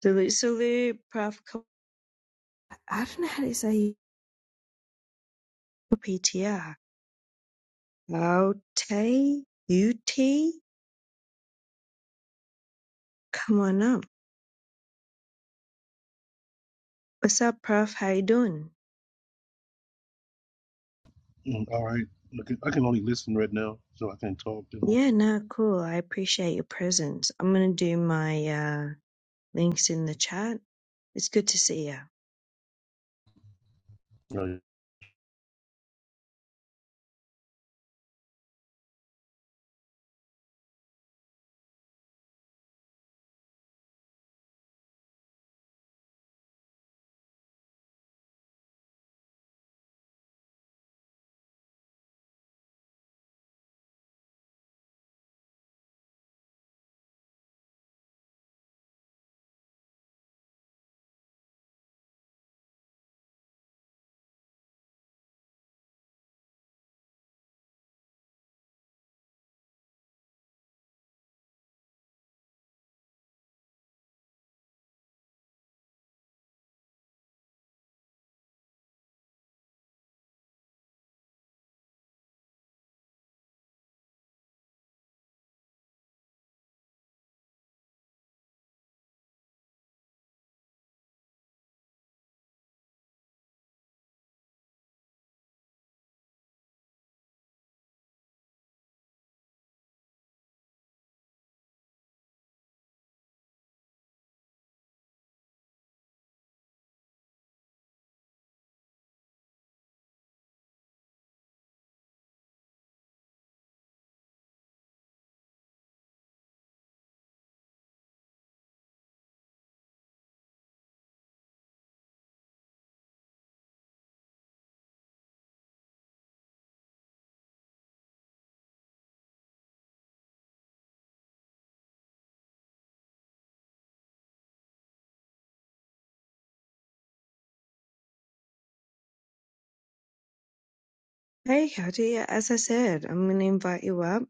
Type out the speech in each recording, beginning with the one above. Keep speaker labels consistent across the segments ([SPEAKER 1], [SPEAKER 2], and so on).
[SPEAKER 1] Sulu prof. I don't know how to say PTR. Ute, Ut, come on up. What's up, Prof? How you doing?
[SPEAKER 2] Mm, All right. Look, I can only listen right now, so I can't talk too much.
[SPEAKER 1] Yeah, no, cool. I appreciate your presence. I'm gonna do my uh, links in the chat. It's good to see ya.
[SPEAKER 2] Uh,
[SPEAKER 1] Hey, Howdy. As I said, I'm gonna invite you up.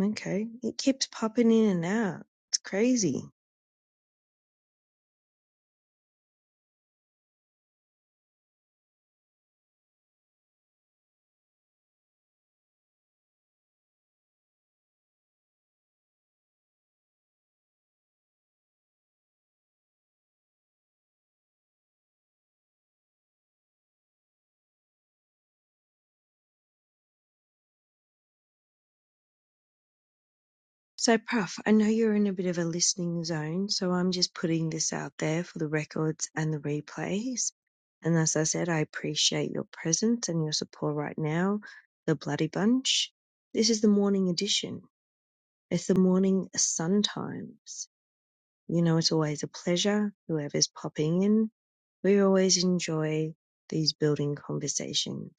[SPEAKER 1] Okay, it keeps popping in and out. It's crazy. So, Prof, I know you're in a bit of a listening zone, so I'm just putting this out there for the records and the replays. And as I said, I appreciate your presence and your support right now, the Bloody Bunch. This is the morning edition. It's the morning sun times. You know, it's always a pleasure, whoever's popping in. We always enjoy these building conversations.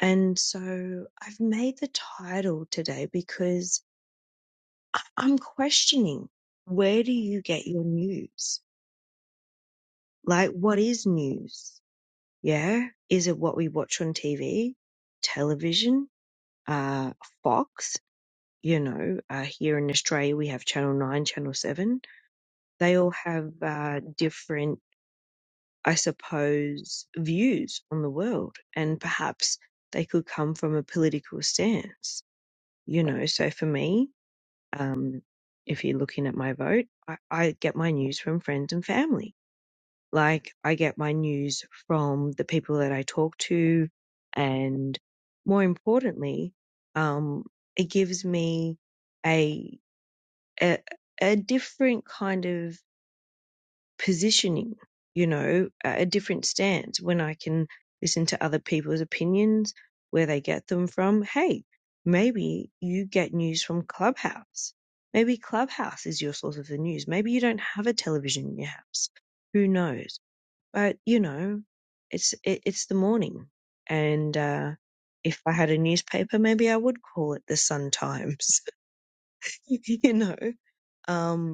[SPEAKER 1] And so I've made the title today because I- I'm questioning where do you get your news? Like, what is news? Yeah. Is it what we watch on TV, television, uh, Fox? You know, uh, here in Australia, we have Channel 9, Channel 7. They all have uh, different, I suppose, views on the world. And perhaps they could come from a political stance. You know, so for me, um, if you're looking at my vote, I, I get my news from friends and family. Like I get my news from the people that I talk to, and more importantly, um, it gives me a, a a different kind of positioning, you know, a different stance when I can listen to other people's opinions, where they get them from. Hey, maybe you get news from Clubhouse. Maybe Clubhouse is your source of the news. Maybe you don't have a television in your house. Who knows? But you know, it's it, it's the morning, and uh, if I had a newspaper, maybe I would call it the Sun Times. you know, um,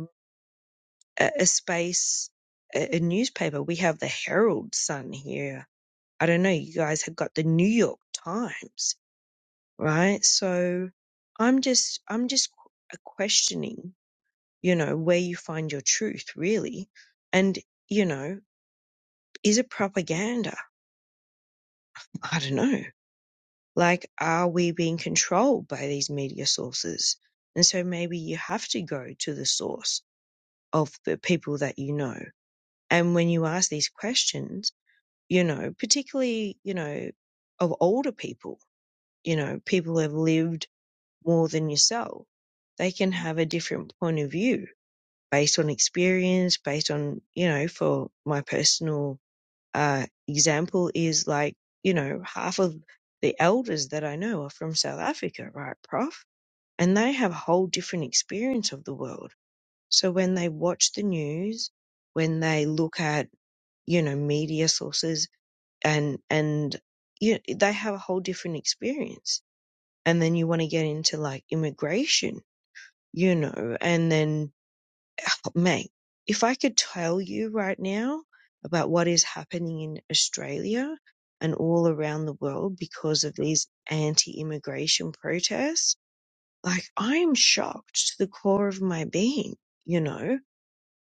[SPEAKER 1] a, a space, a, a newspaper. We have the Herald Sun here. I don't know. You guys have got the New York Times, right? So I'm just, I'm just qu- uh, questioning, you know, where you find your truth really. And, you know, is it propaganda? I don't know. Like, are we being controlled by these media sources? And so maybe you have to go to the source of the people that you know. And when you ask these questions, you know, particularly, you know, of older people, you know, people who have lived more than yourself, they can have a different point of view based on experience, based on, you know, for my personal uh, example is like, you know, half of the elders that I know are from South Africa, right, Prof? And they have a whole different experience of the world. So when they watch the news, when they look at, you know, media sources and and you they have a whole different experience and then you want to get into like immigration you know and then oh, mate if i could tell you right now about what is happening in australia and all around the world because of these anti-immigration protests like i'm shocked to the core of my being you know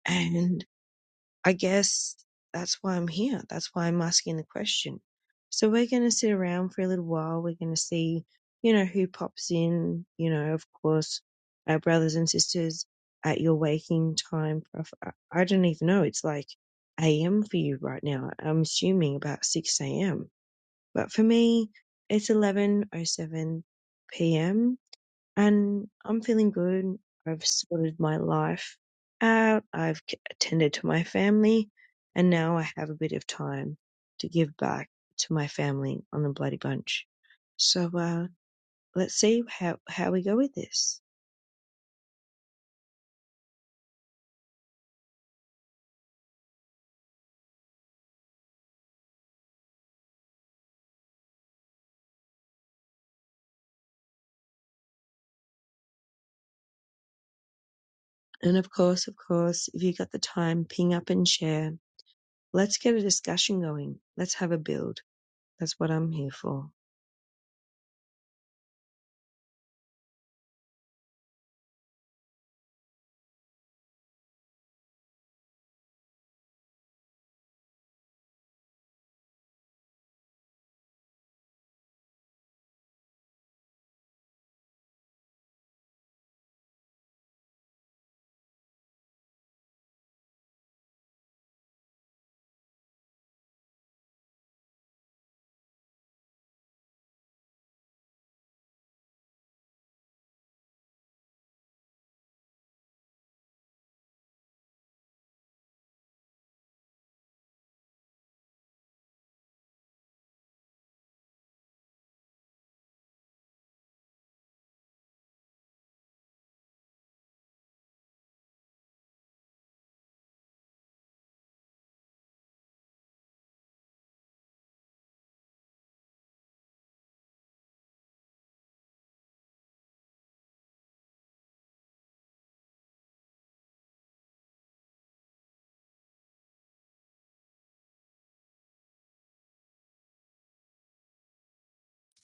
[SPEAKER 1] and I guess that's why I'm here. That's why I'm asking the question. So we're going to sit around for a little while. We're going to see, you know, who pops in, you know, of course, our brothers and sisters at your waking time. Prof- I I don't even know. It's like AM for you right now. I'm assuming about 6 AM. But for me, it's 11.07 PM and I'm feeling good. I've sorted my life out. I've c- attended to my family, and now I have a bit of time to give back to my family on the bloody bunch. So uh, let's see how how we go with this. And of course, of course, if you got the time, ping up and share. Let's get a discussion going. Let's have a build. That's what I'm here for.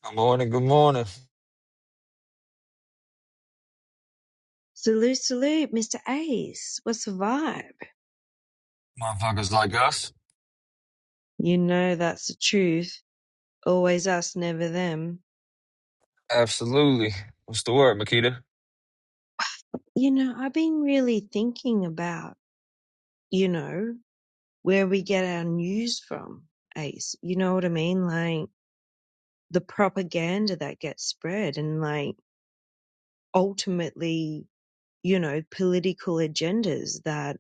[SPEAKER 3] Good morning, good morning.
[SPEAKER 1] Salute, salute, Mr. Ace. What's the vibe?
[SPEAKER 3] Motherfuckers like us.
[SPEAKER 1] You know that's the truth. Always us, never them.
[SPEAKER 3] Absolutely. What's the word, Makita?
[SPEAKER 1] You know, I've been really thinking about, you know, where we get our news from, Ace. You know what I mean? Like the propaganda that gets spread and like ultimately, you know, political agendas that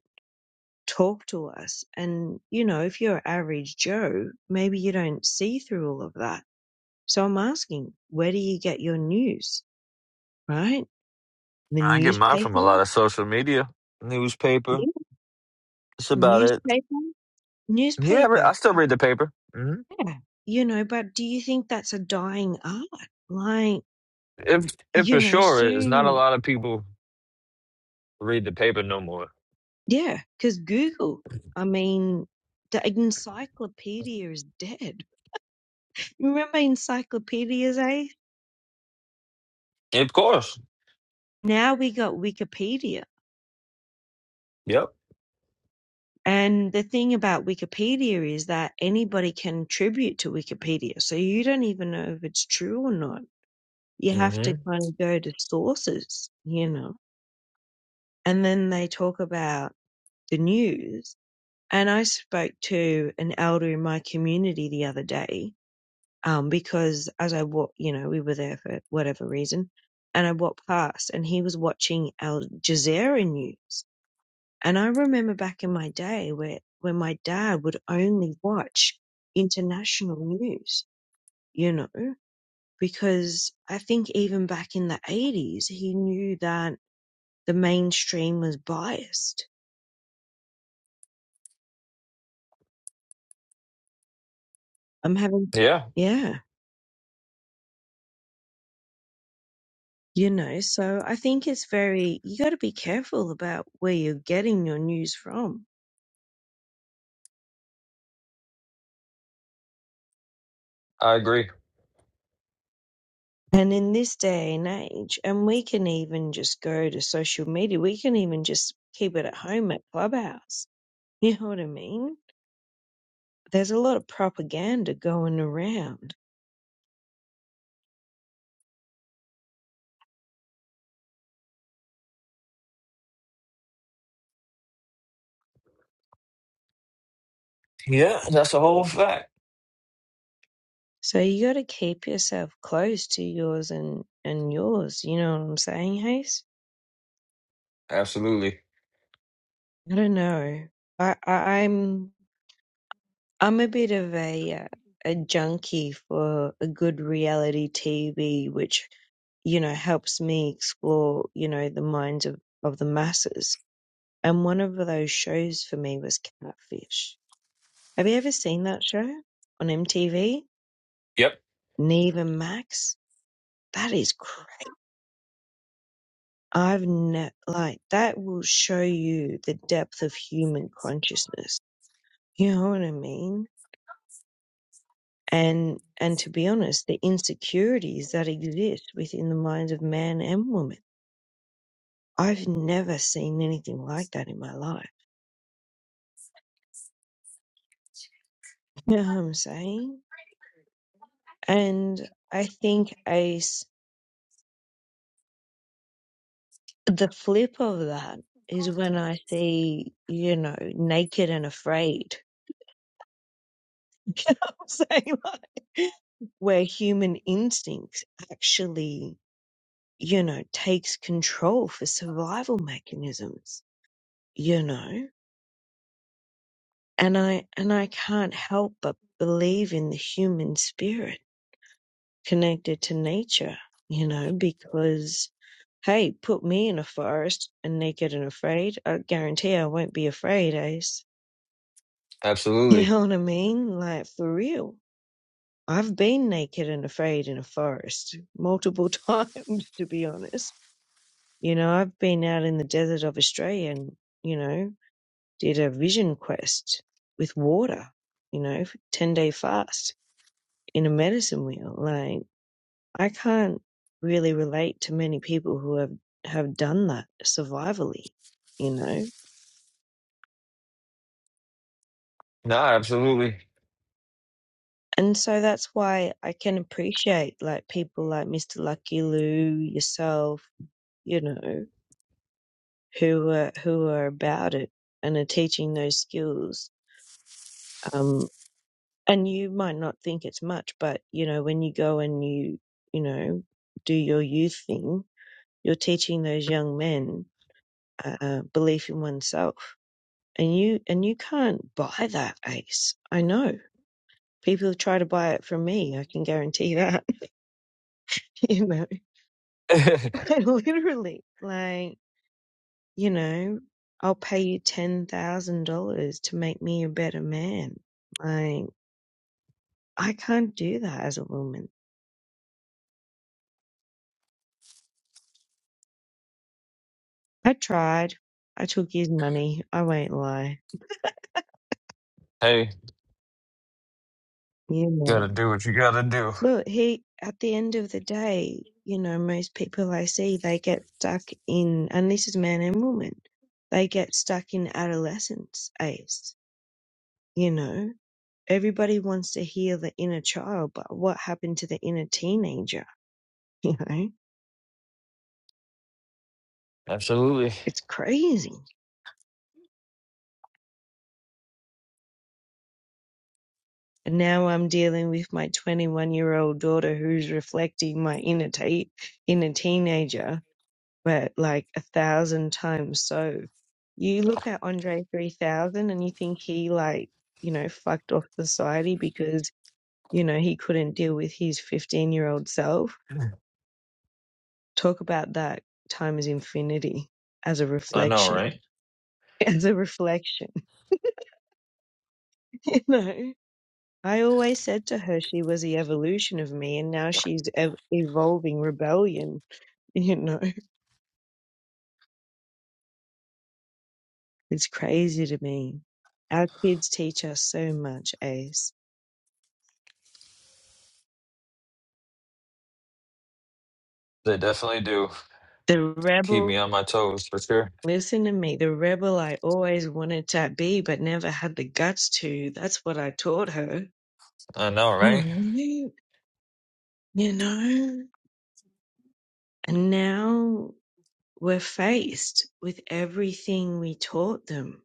[SPEAKER 1] talk to us. And, you know, if you're average Joe, maybe you don't see through all of that. So I'm asking, where do you get your news? Right? The
[SPEAKER 3] I get mine from a
[SPEAKER 1] newspaper?
[SPEAKER 3] lot of social media, newspaper.
[SPEAKER 1] Yeah.
[SPEAKER 3] That's
[SPEAKER 1] The
[SPEAKER 3] about it.
[SPEAKER 1] newspaper?
[SPEAKER 3] Yeah, I re- I
[SPEAKER 1] newspaper.
[SPEAKER 3] still read the paper. hmm
[SPEAKER 1] Yeah. You know, but do you think that's a dying art? Like,
[SPEAKER 3] If, if
[SPEAKER 1] you
[SPEAKER 3] for
[SPEAKER 1] know,
[SPEAKER 3] sure, it is not a
[SPEAKER 1] soon,
[SPEAKER 3] lot of people read the paper no more.
[SPEAKER 1] yeah, because Google, I mean, the encyclopedia is dead. Remember encyclopedias, eh?
[SPEAKER 3] Of course.
[SPEAKER 1] Now we got Wikipedia.
[SPEAKER 3] Yep.
[SPEAKER 1] And the thing about Wikipedia is that anybody can contribute to Wikipedia. So you don't even know if it's true or not. You have to
[SPEAKER 3] hmm
[SPEAKER 1] kind of go to sources, you know. And then they talk about the news And I spoke to an elder in my community the other day, um, because as I walked, you know, we were there for whatever reason, and I walked past and he was watching Al Jazeera news. And I remember back in my day where, where my dad would only watch international news, you know, because I think even back in the 80s, he knew that the mainstream was biased. I'm having,
[SPEAKER 3] Yeah,
[SPEAKER 1] yeah. you know so i think it's very you got to be careful about where you're getting your news from
[SPEAKER 3] I agree.
[SPEAKER 1] and in this day and age and we can even just go to social media we can even just keep it at home at clubhouse you know what i mean there's a lot of propaganda going around
[SPEAKER 3] Yeah, that's a whole fact.
[SPEAKER 1] so you got to keep yourself close to yours and and yours you know what i'm saying hayes
[SPEAKER 3] Absolutely.
[SPEAKER 1] i don't know i, I i'm I'm a bit of a uh, a junkie for a good reality TV, which you know helps me explore you know the minds of of the masses. And one of those shows for me was Catfish. Have you ever seen that show on MTV?
[SPEAKER 3] Yep.
[SPEAKER 1] Neva Max. That is great. I've ne- like that will show you the depth of human consciousness. You know what I mean? and and to be honest the insecurities that exist within the minds of man and woman i've never seen anything like that in my life you know what i'm saying and i think Ace, the flip of that is when i see you know naked and afraid you know what i'm saying like, where human instinct actually you know takes control for survival mechanisms you know and I and I can't help but believe in the human spirit connected to nature, you know, because hey, put me in a forest and naked and afraid, I guarantee I won't be afraid, Ace. You
[SPEAKER 3] Absolutely.
[SPEAKER 1] know what I mean? Like for real. I've been naked and afraid in a forest multiple times, to be honest. You know, I've been out in the desert of Australia and, you know, did a vision quest with water, you know, 10 day fast in a medicine wheel. Like I can't really relate to many people who have have done that survivally, you know.
[SPEAKER 3] Nah, absolutely.
[SPEAKER 1] And so that's why I can appreciate like people like Mr. Lucky Lou, yourself, you know, who are, who are about it and are teaching those skills. Um, and you might not think it's much, but you know, when you go and you, you know, do your youth thing, you're teaching those young men uh, uh, belief in oneself and you and you can't buy that ace. I know people try to buy it from me. I can guarantee that. You know, Like, literally, like you know, I'll pay you ten thousand dollars to make me a better man. Like I can't do that as a woman. I tried. I took his money. I won't lie.
[SPEAKER 3] hey,
[SPEAKER 1] You know.
[SPEAKER 3] gotta do what you gotta do.
[SPEAKER 1] Look, he, at the end of the day, you know, most people I see, they get stuck in, and this is man and woman. they get stuck in adolescence age, you know. Everybody wants to heal the inner child, but what happened to the inner teenager? You know,
[SPEAKER 3] Absolutely.
[SPEAKER 1] it's crazy. And now I'm dealing with my 21 year old daughter who's reflecting my inner, te- inner teenager but like a thousand times so. You look at Andre 3000 and you think he like, you know, fucked off society because, you know, he couldn't deal with his 15 year old self. Talk about that time as infinity as a
[SPEAKER 3] I know, right?
[SPEAKER 1] reflection, as a reflection, you know. I always said to her she was the evolution of me and now she's ev- evolving rebellion, you know. It's crazy to me. Our kids teach us so much, Ace.
[SPEAKER 3] They definitely do
[SPEAKER 1] The
[SPEAKER 3] keep
[SPEAKER 1] rebel,
[SPEAKER 3] me on my toes for sure.
[SPEAKER 1] listen to me, the rebel I always wanted to be but never had the guts to. That's what I taught her.
[SPEAKER 3] I know, right?
[SPEAKER 1] Right. You know? And now we're faced with everything we taught them,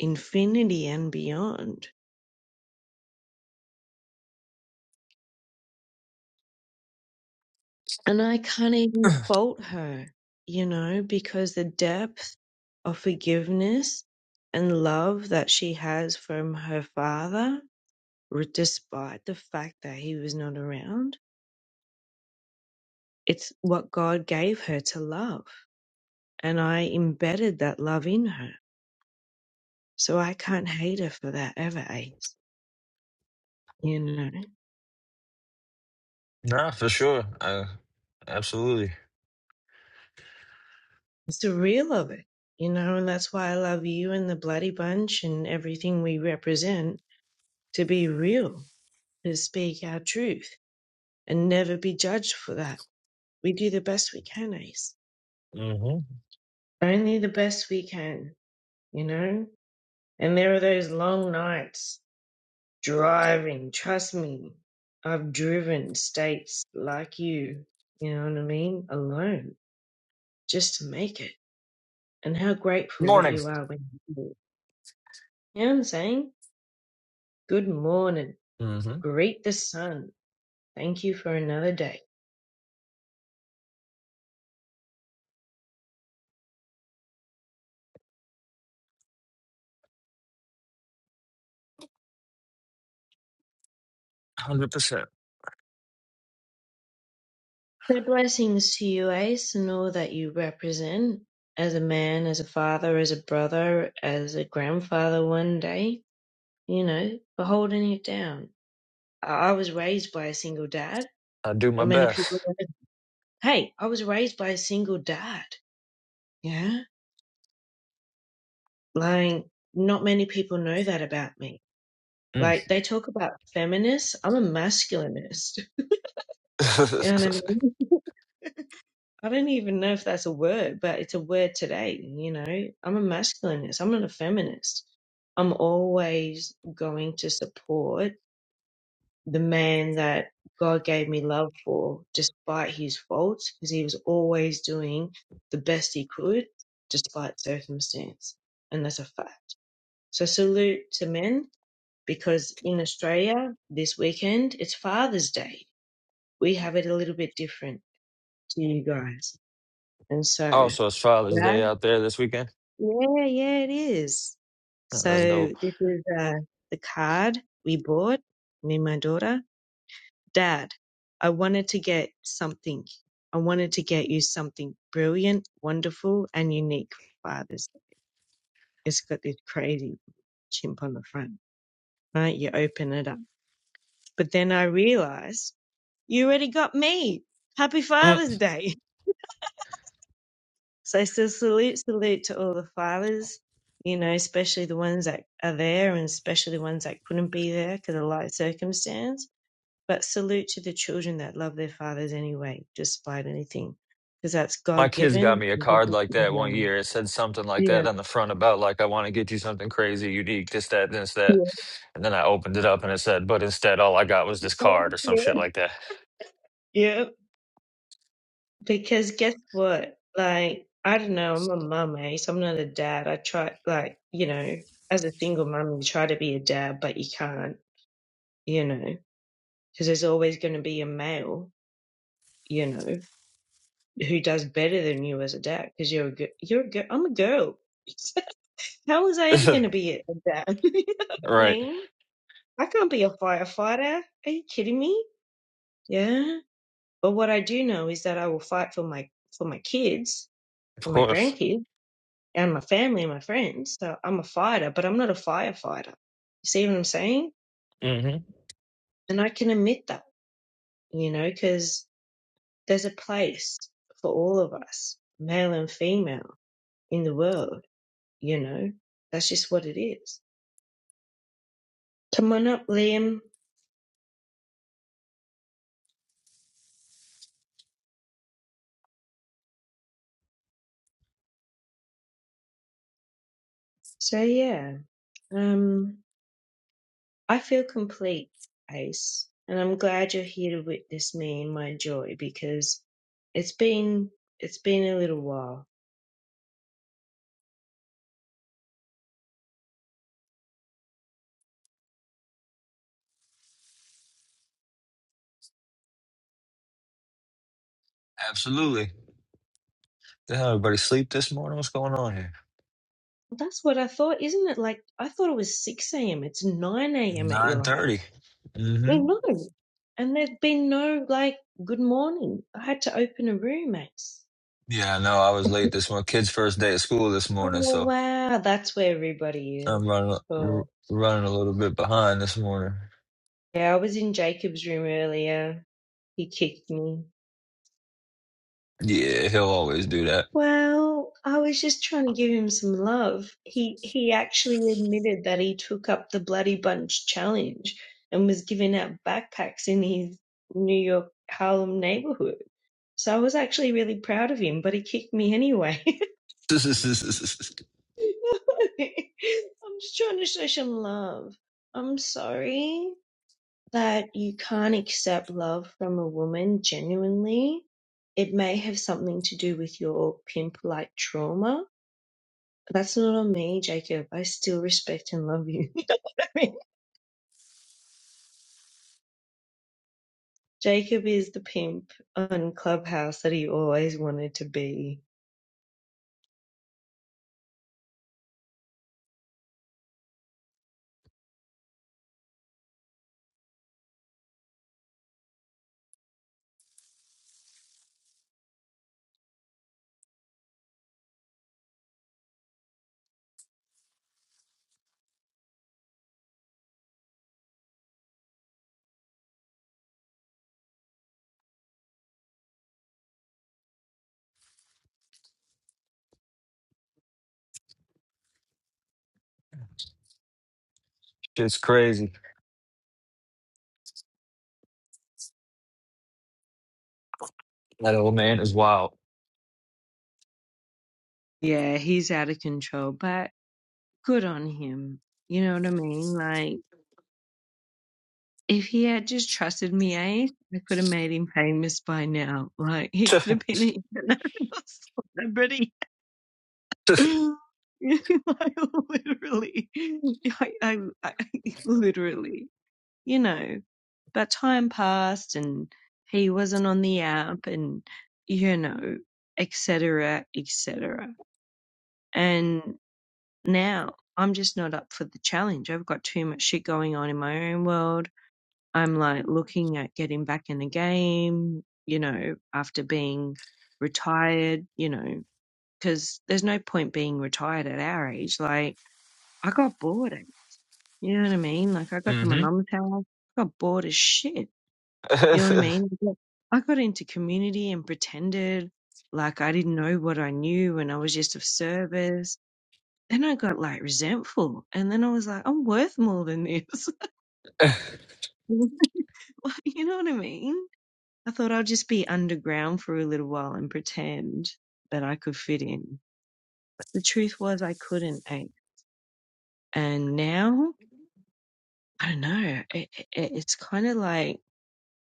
[SPEAKER 1] infinity and beyond. And I can't even fault her, you know, because the depth of forgiveness and love that she has from her father, r- despite the fact that he was not around It's what God gave her to love. And I embedded that love in her. So I can't hate her for that ever, Ace. You know,
[SPEAKER 3] Nah, for sure. I, absolutely.
[SPEAKER 1] it's the real of it. You know, and that's why I love you and the Bloody Bunch and everything we represent to be real, to speak our truth and never be judged for that. We do the best we can, Ace.
[SPEAKER 3] hmm
[SPEAKER 1] Only the best we can, you know? And there are those long nights driving. Trust me, I've driven states like you, you know what I mean, alone just to make it. And how grateful that
[SPEAKER 3] Morning.
[SPEAKER 1] you are when you do. You know what I'm saying? Good morning.
[SPEAKER 3] hmm one
[SPEAKER 1] Greet the sun. Thank you for another day.
[SPEAKER 3] Hundred percent.
[SPEAKER 1] My blessings to you, Ace, and all that you represent as a man, as a father, as a brother, as a grandfather one day, you know, for holding it down. I I was raised by a single dad.
[SPEAKER 3] I do my
[SPEAKER 1] Not many people.
[SPEAKER 3] best.
[SPEAKER 1] hey, I was raised by a single dad. Yeah. Like, not many people know that about me.
[SPEAKER 3] Mm.
[SPEAKER 1] Like, they talk about feminists. I'm a masculinist. You know what I mean? I don't even know if that's a word, but it's a word today. You know, I'm a masculinist. I'm not a feminist. I'm always going to support the man that God gave me love for, despite his faults, because he was always doing the best he could, despite circumstance. And that's a fact. So, salute to men, because in Australia this weekend, it's Father's Day. We have it a little bit different to you guys. And so,
[SPEAKER 3] oh, so it's Father's
[SPEAKER 1] yeah,
[SPEAKER 3] Day out there this weekend.
[SPEAKER 1] yeah, yeah, it is.
[SPEAKER 3] Oh,
[SPEAKER 1] So,
[SPEAKER 3] that's dope.
[SPEAKER 1] this is uh, the card we bought, me and my daughter. Dad, I wanted to get something. I wanted to get you something brilliant, wonderful, and unique for Father's Day. It's got this crazy chimp on the front, right? You open it up. But then I realized you already got me. Happy
[SPEAKER 3] Mm.
[SPEAKER 1] Father's Day. So, so salute, salute to all the fathers, you know, especially the ones that are there and especially the ones that couldn't be there because of life circumstance But salute to the children that love their fathers anyway, despite anything, because that's
[SPEAKER 3] My
[SPEAKER 1] God
[SPEAKER 3] kids got
[SPEAKER 1] given.
[SPEAKER 3] me a card like that one year. It said something like
[SPEAKER 1] Yeah.
[SPEAKER 3] that on the front about like I want to get you something crazy, unique, this, that, this, that. And then I opened it up and it said, but instead all I got was this card or some shit like
[SPEAKER 1] Yeah. Because guess what? Like, I don't know, I'm a mum, eh? So I'm not a dad. I try, like, you know, as a single mum, you try to be a dad, but you can't, you know, because there's always going to be a male, you know, who does better than you as a dad because you're a, gi- you're a girl. I'm a girl. How
[SPEAKER 3] that.
[SPEAKER 1] was I ever going to be a dad? you know what I
[SPEAKER 3] right.
[SPEAKER 1] mean? I can't be a firefighter. Are you kidding me? Yeah. But what I do know is that I will fight for my for my kids
[SPEAKER 3] Of
[SPEAKER 1] and my
[SPEAKER 3] course.
[SPEAKER 1] grandkids and my family and my friends. So I'm a fighter, but I'm not a firefighter. You see what I'm saying?
[SPEAKER 3] hmm
[SPEAKER 1] And I can admit that, you know, because there's a place for all of us, male and female, in the world. You know, that's just what it is. Come on up, Liam. So yeah, um, I feel complete, Ace, and I'm glad you're here to witness me in my joy because it's been it's been a little while.
[SPEAKER 3] Absolutely. Did everybody sleep this morning? What's going on here?
[SPEAKER 1] Well, That's what I thought, isn't it? Like I thought it was six a.m. It's nine a.m. at
[SPEAKER 3] Nine
[SPEAKER 1] your house.
[SPEAKER 3] thirty.
[SPEAKER 1] You
[SPEAKER 3] Mm-hmm.
[SPEAKER 1] know, and there's been no like good morning. I had to open a room, Ace.
[SPEAKER 3] Yeah, I know. I was late this morning. Kids' first day at school this
[SPEAKER 1] Oh
[SPEAKER 3] morning, so
[SPEAKER 1] wow, that's where everybody is.
[SPEAKER 3] I'm running r-
[SPEAKER 1] Oh.
[SPEAKER 3] running a little bit behind this morning.
[SPEAKER 1] Yeah, I was in Jacob's room earlier. He kicked me.
[SPEAKER 3] Yeah, he'll always do that.
[SPEAKER 1] Well, I was just trying to give him some love. He he actually admitted that he took up the Bloody Bunch challenge and was giving out backpacks in his New York Harlem neighborhood. So I was actually really proud of him, but he kicked me anyway. I'm just trying to show some love. I'm sorry that you can't accept love from a woman genuinely. It may have something to do with your pimp like trauma That's not on me, Jacob. I still respect and love you. You know what I mean? Jacob is the pimp on Clubhouse that he always wanted to be.
[SPEAKER 3] It's crazy. That old man is wild.
[SPEAKER 1] Yeah, he's out of control, but good on him. You know what I mean? Like, if he had just trusted me, Ace, I could have made him famous by now. Like, he could have been an international celebrity.
[SPEAKER 3] mm-hmm.
[SPEAKER 1] like, literally. I, I, I, literally. you know, but time passed and he wasn't on the app and, you know, et cetera, et cetera. And now I'm just not up for the challenge. I've got too much shit going on in my own world. I'm like looking at getting back in the game, you know, after being retired, you know, because there's no point being retired at our age. Like, I got bored. You know what I mean? Like, I got to my mum's house, I got bored as shit You know what I mean? Like, I got into community and pretended like I didn't know what I knew and I was just of service. Then I got like resentful and then I was like, I'm worth more than this. Like, you know what I mean? I thought I'll just be underground for a little while and pretend that I could fit in. But the truth was I couldn't. eh? And now, I don't know, it, it, it's kind of like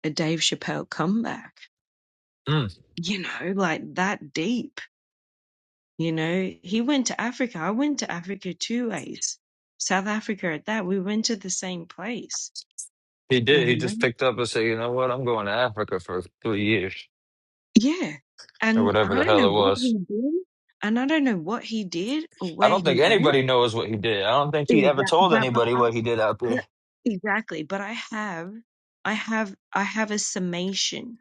[SPEAKER 1] a Dave Chappelle comeback,
[SPEAKER 3] mm,
[SPEAKER 1] you know, like that deep You know, he went to Africa. I went to Africa two ways, South Africa at that. We went to the same place,
[SPEAKER 3] he
[SPEAKER 1] you
[SPEAKER 3] did. He
[SPEAKER 1] know?
[SPEAKER 3] just picked up and said, "You know what? I'm going to Africa for three years
[SPEAKER 1] Yeah.
[SPEAKER 3] or
[SPEAKER 1] And
[SPEAKER 3] whatever
[SPEAKER 1] I
[SPEAKER 3] the
[SPEAKER 1] don't
[SPEAKER 3] hell
[SPEAKER 1] know
[SPEAKER 3] it
[SPEAKER 1] what
[SPEAKER 3] was."
[SPEAKER 1] he did. And I don't know what he did or
[SPEAKER 3] I
[SPEAKER 1] where
[SPEAKER 3] don't
[SPEAKER 1] he
[SPEAKER 3] think
[SPEAKER 1] went.
[SPEAKER 3] anybody knows what he did. I don't think he ever
[SPEAKER 1] Exactly.
[SPEAKER 3] told
[SPEAKER 1] But, but,
[SPEAKER 3] anybody
[SPEAKER 1] I,
[SPEAKER 3] what he did out there.
[SPEAKER 1] but exactly. But I have, I have, I have a summation,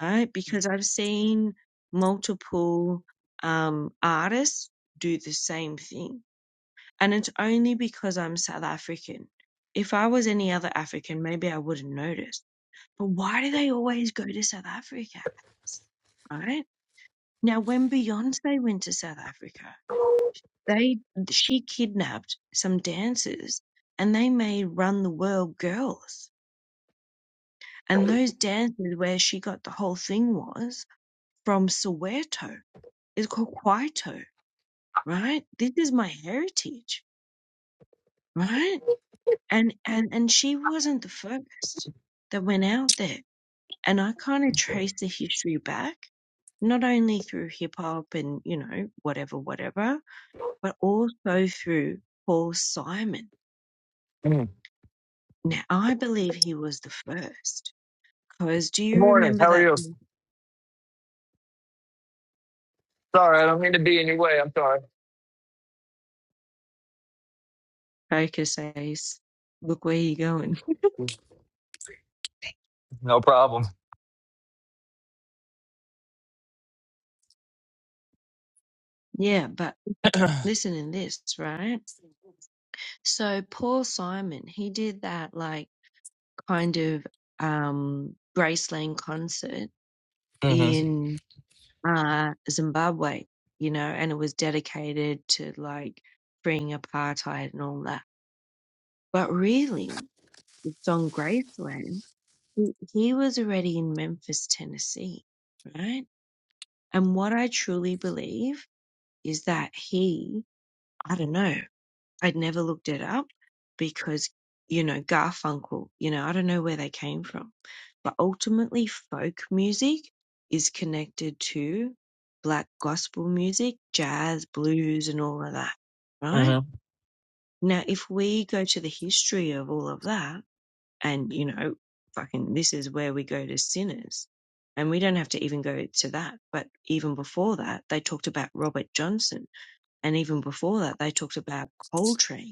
[SPEAKER 1] right? Because I've seen multiple um, artists do the same thing And it's only because I'm South African. If I was any other African, maybe I wouldn't notice. But why do they always go to South Africa? Right? Now, when Beyonce went to South Africa, they she kidnapped some dancers and they made Run the World girls. And those dancers, where she got the whole thing was from Soweto. It's called Kwaito, right? This is my heritage, right? and and and she wasn't the first that went out there and i kind of traced the history back not only through hip hop and you know whatever whatever but also through paul simon
[SPEAKER 3] Mm.
[SPEAKER 1] now i believe he was the first because do you remember that
[SPEAKER 3] Sorry.
[SPEAKER 1] focus ace look where you are going
[SPEAKER 3] No problem.
[SPEAKER 1] yeah but
[SPEAKER 3] mm-hmm.
[SPEAKER 1] listen in this right so paul simon he did that like kind of um graceland concert in uh, Zimbabwe, you know, and it was dedicated to like freeing apartheid and all that. But really, it's on Graceland. He, he was already in Memphis, Tennessee, right? And what I truly believe is that he, I don't know, I'd never looked it up because, you know, Garfunkel, you know, I don't know where they came from. But ultimately, folk music is connected to black gospel music, jazz, blues, and all of that, right?
[SPEAKER 3] Mm-hmm.
[SPEAKER 1] Now, if we go to the history of all of that, and, you know, fucking this is where we go to sinners. And we don't have to even go to that. But even before that, they talked about Robert Johnson. And even before that, they talked about Coltrane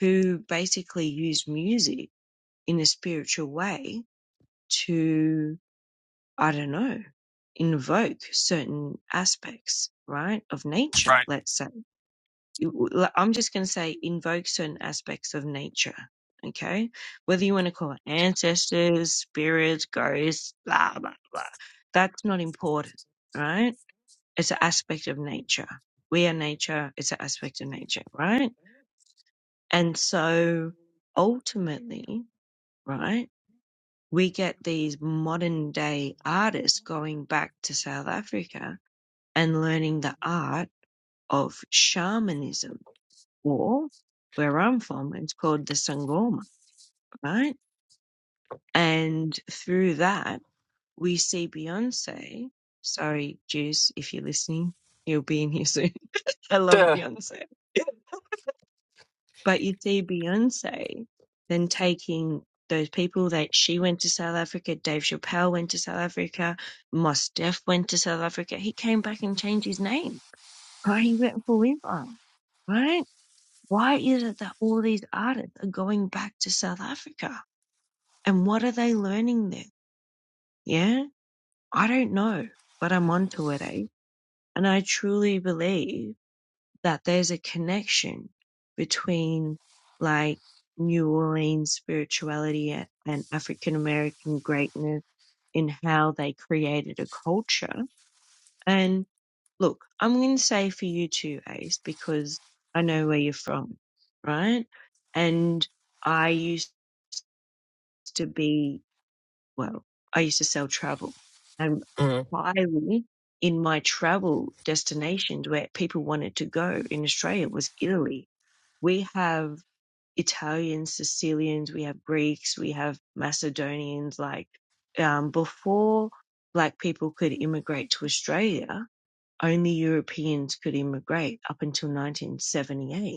[SPEAKER 1] who basically use music in a spiritual way to, I don't know, invoke certain aspects, right, of nature, let's say. You- l- I'm just going to say invoke certain aspects of nature, okay? Whether you want to call it ancestors, spirits, ghosts, blah, blah, blah. That's not important, right? It's an aspect of nature. We are nature. It's an aspect of nature, right? And so ultimately, right? We get these modern day artists going back to South Africa and learning the art of shamanism, or where I'm from, it's called the Sangoma, right? And through that, we see Beyonce. Sorry, Juice, if you're listening, you'll be in here soon. I love
[SPEAKER 3] Yeah.
[SPEAKER 1] Beyonce. But you see Beyonce then taking those people that she went to South Africa, Dave Chappelle went to South Africa, Mos Def went to South Africa. He came back and changed his name. Right? He went forever. Right? Why is it that all these artists are going back to South Africa? And what are they learning there? Yeah? I don't know, but I'm onto it, eh? And I truly believe that there's a connection between like New Orleans spirituality and African American greatness in how they created a culture. And look, I'm going to say for you too, Ace, because I know where you're from, right? And I used to be, well, I used to sell travel and
[SPEAKER 3] Mm-hmm.
[SPEAKER 1] highly in my travel destinations where people wanted to go in Australia was Italy we have Italians, Sicilians, we have Greeks, we have Macedonians. Like um, before, black people could immigrate to Australia, only Europeans could immigrate up until 1978.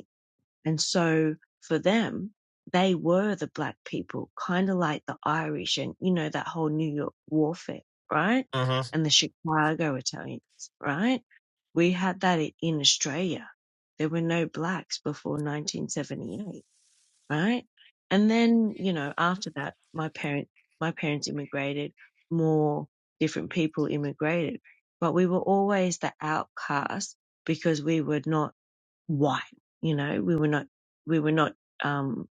[SPEAKER 1] And so for them, they were the black people, kind of like the Irish and, you know, that whole New York warfare, right?
[SPEAKER 3] Mm-hmm.
[SPEAKER 1] And the Chicago Italians, right? We had that i- in Australia. There were no blacks before 1978, right? And then, you know, after that, my parent, my parents immigrated, more different people immigrated, but we were always the outcasts because we were not white. You know, we were not, we were not, um,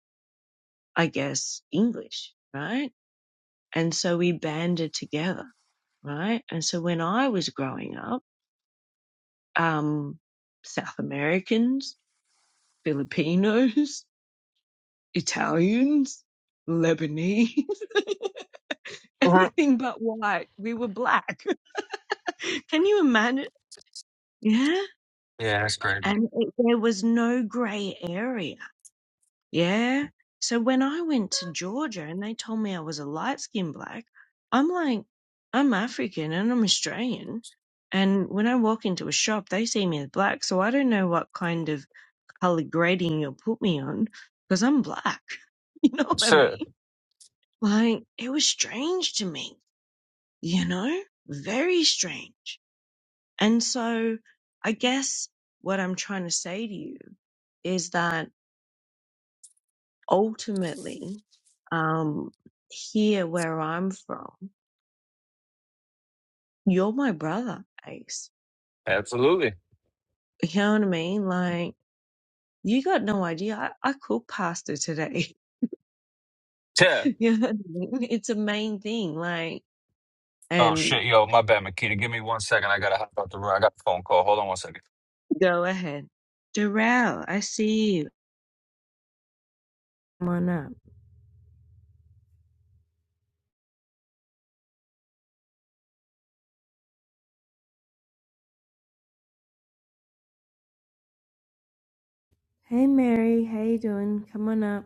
[SPEAKER 1] I guess, English, right? And so we banded together, right? And so when I was growing up, um, South Americans, Filipinos, Italians, Lebanese,
[SPEAKER 3] hmm
[SPEAKER 1] anything but white. We were black. Can you imagine? Yeah.
[SPEAKER 3] Yeah, that's crazy.
[SPEAKER 1] And it, there was no gray area Yeah. So when I went to Georgia and they told me I was a light skinned black, I'm like, I'm African and I'm Australian. And when I walk into a shop, they see me as black. So I don't know what kind of color grading you'll put me on because I'm black. You know what I
[SPEAKER 3] Sure.
[SPEAKER 1] mean? Like, it was strange to me, you know? Very strange. And so I guess what I'm trying to say to you is that ultimately, um, here where I'm from, you're my brother, Ace.
[SPEAKER 3] Absolutely.
[SPEAKER 1] You know what I mean? Like, you got no idea. I, I cook pasta today.
[SPEAKER 3] Yeah.
[SPEAKER 1] you know what I mean? It's a main thing. Like,
[SPEAKER 3] Oh
[SPEAKER 1] and
[SPEAKER 3] shit, yo, my bad, Makita. Give me one second. I gotta hop out the room. I got a phone call. Hold on one second.
[SPEAKER 1] go ahead. Darrell, I see you. Come on up. Hey, Mary. How you doing? Come on up.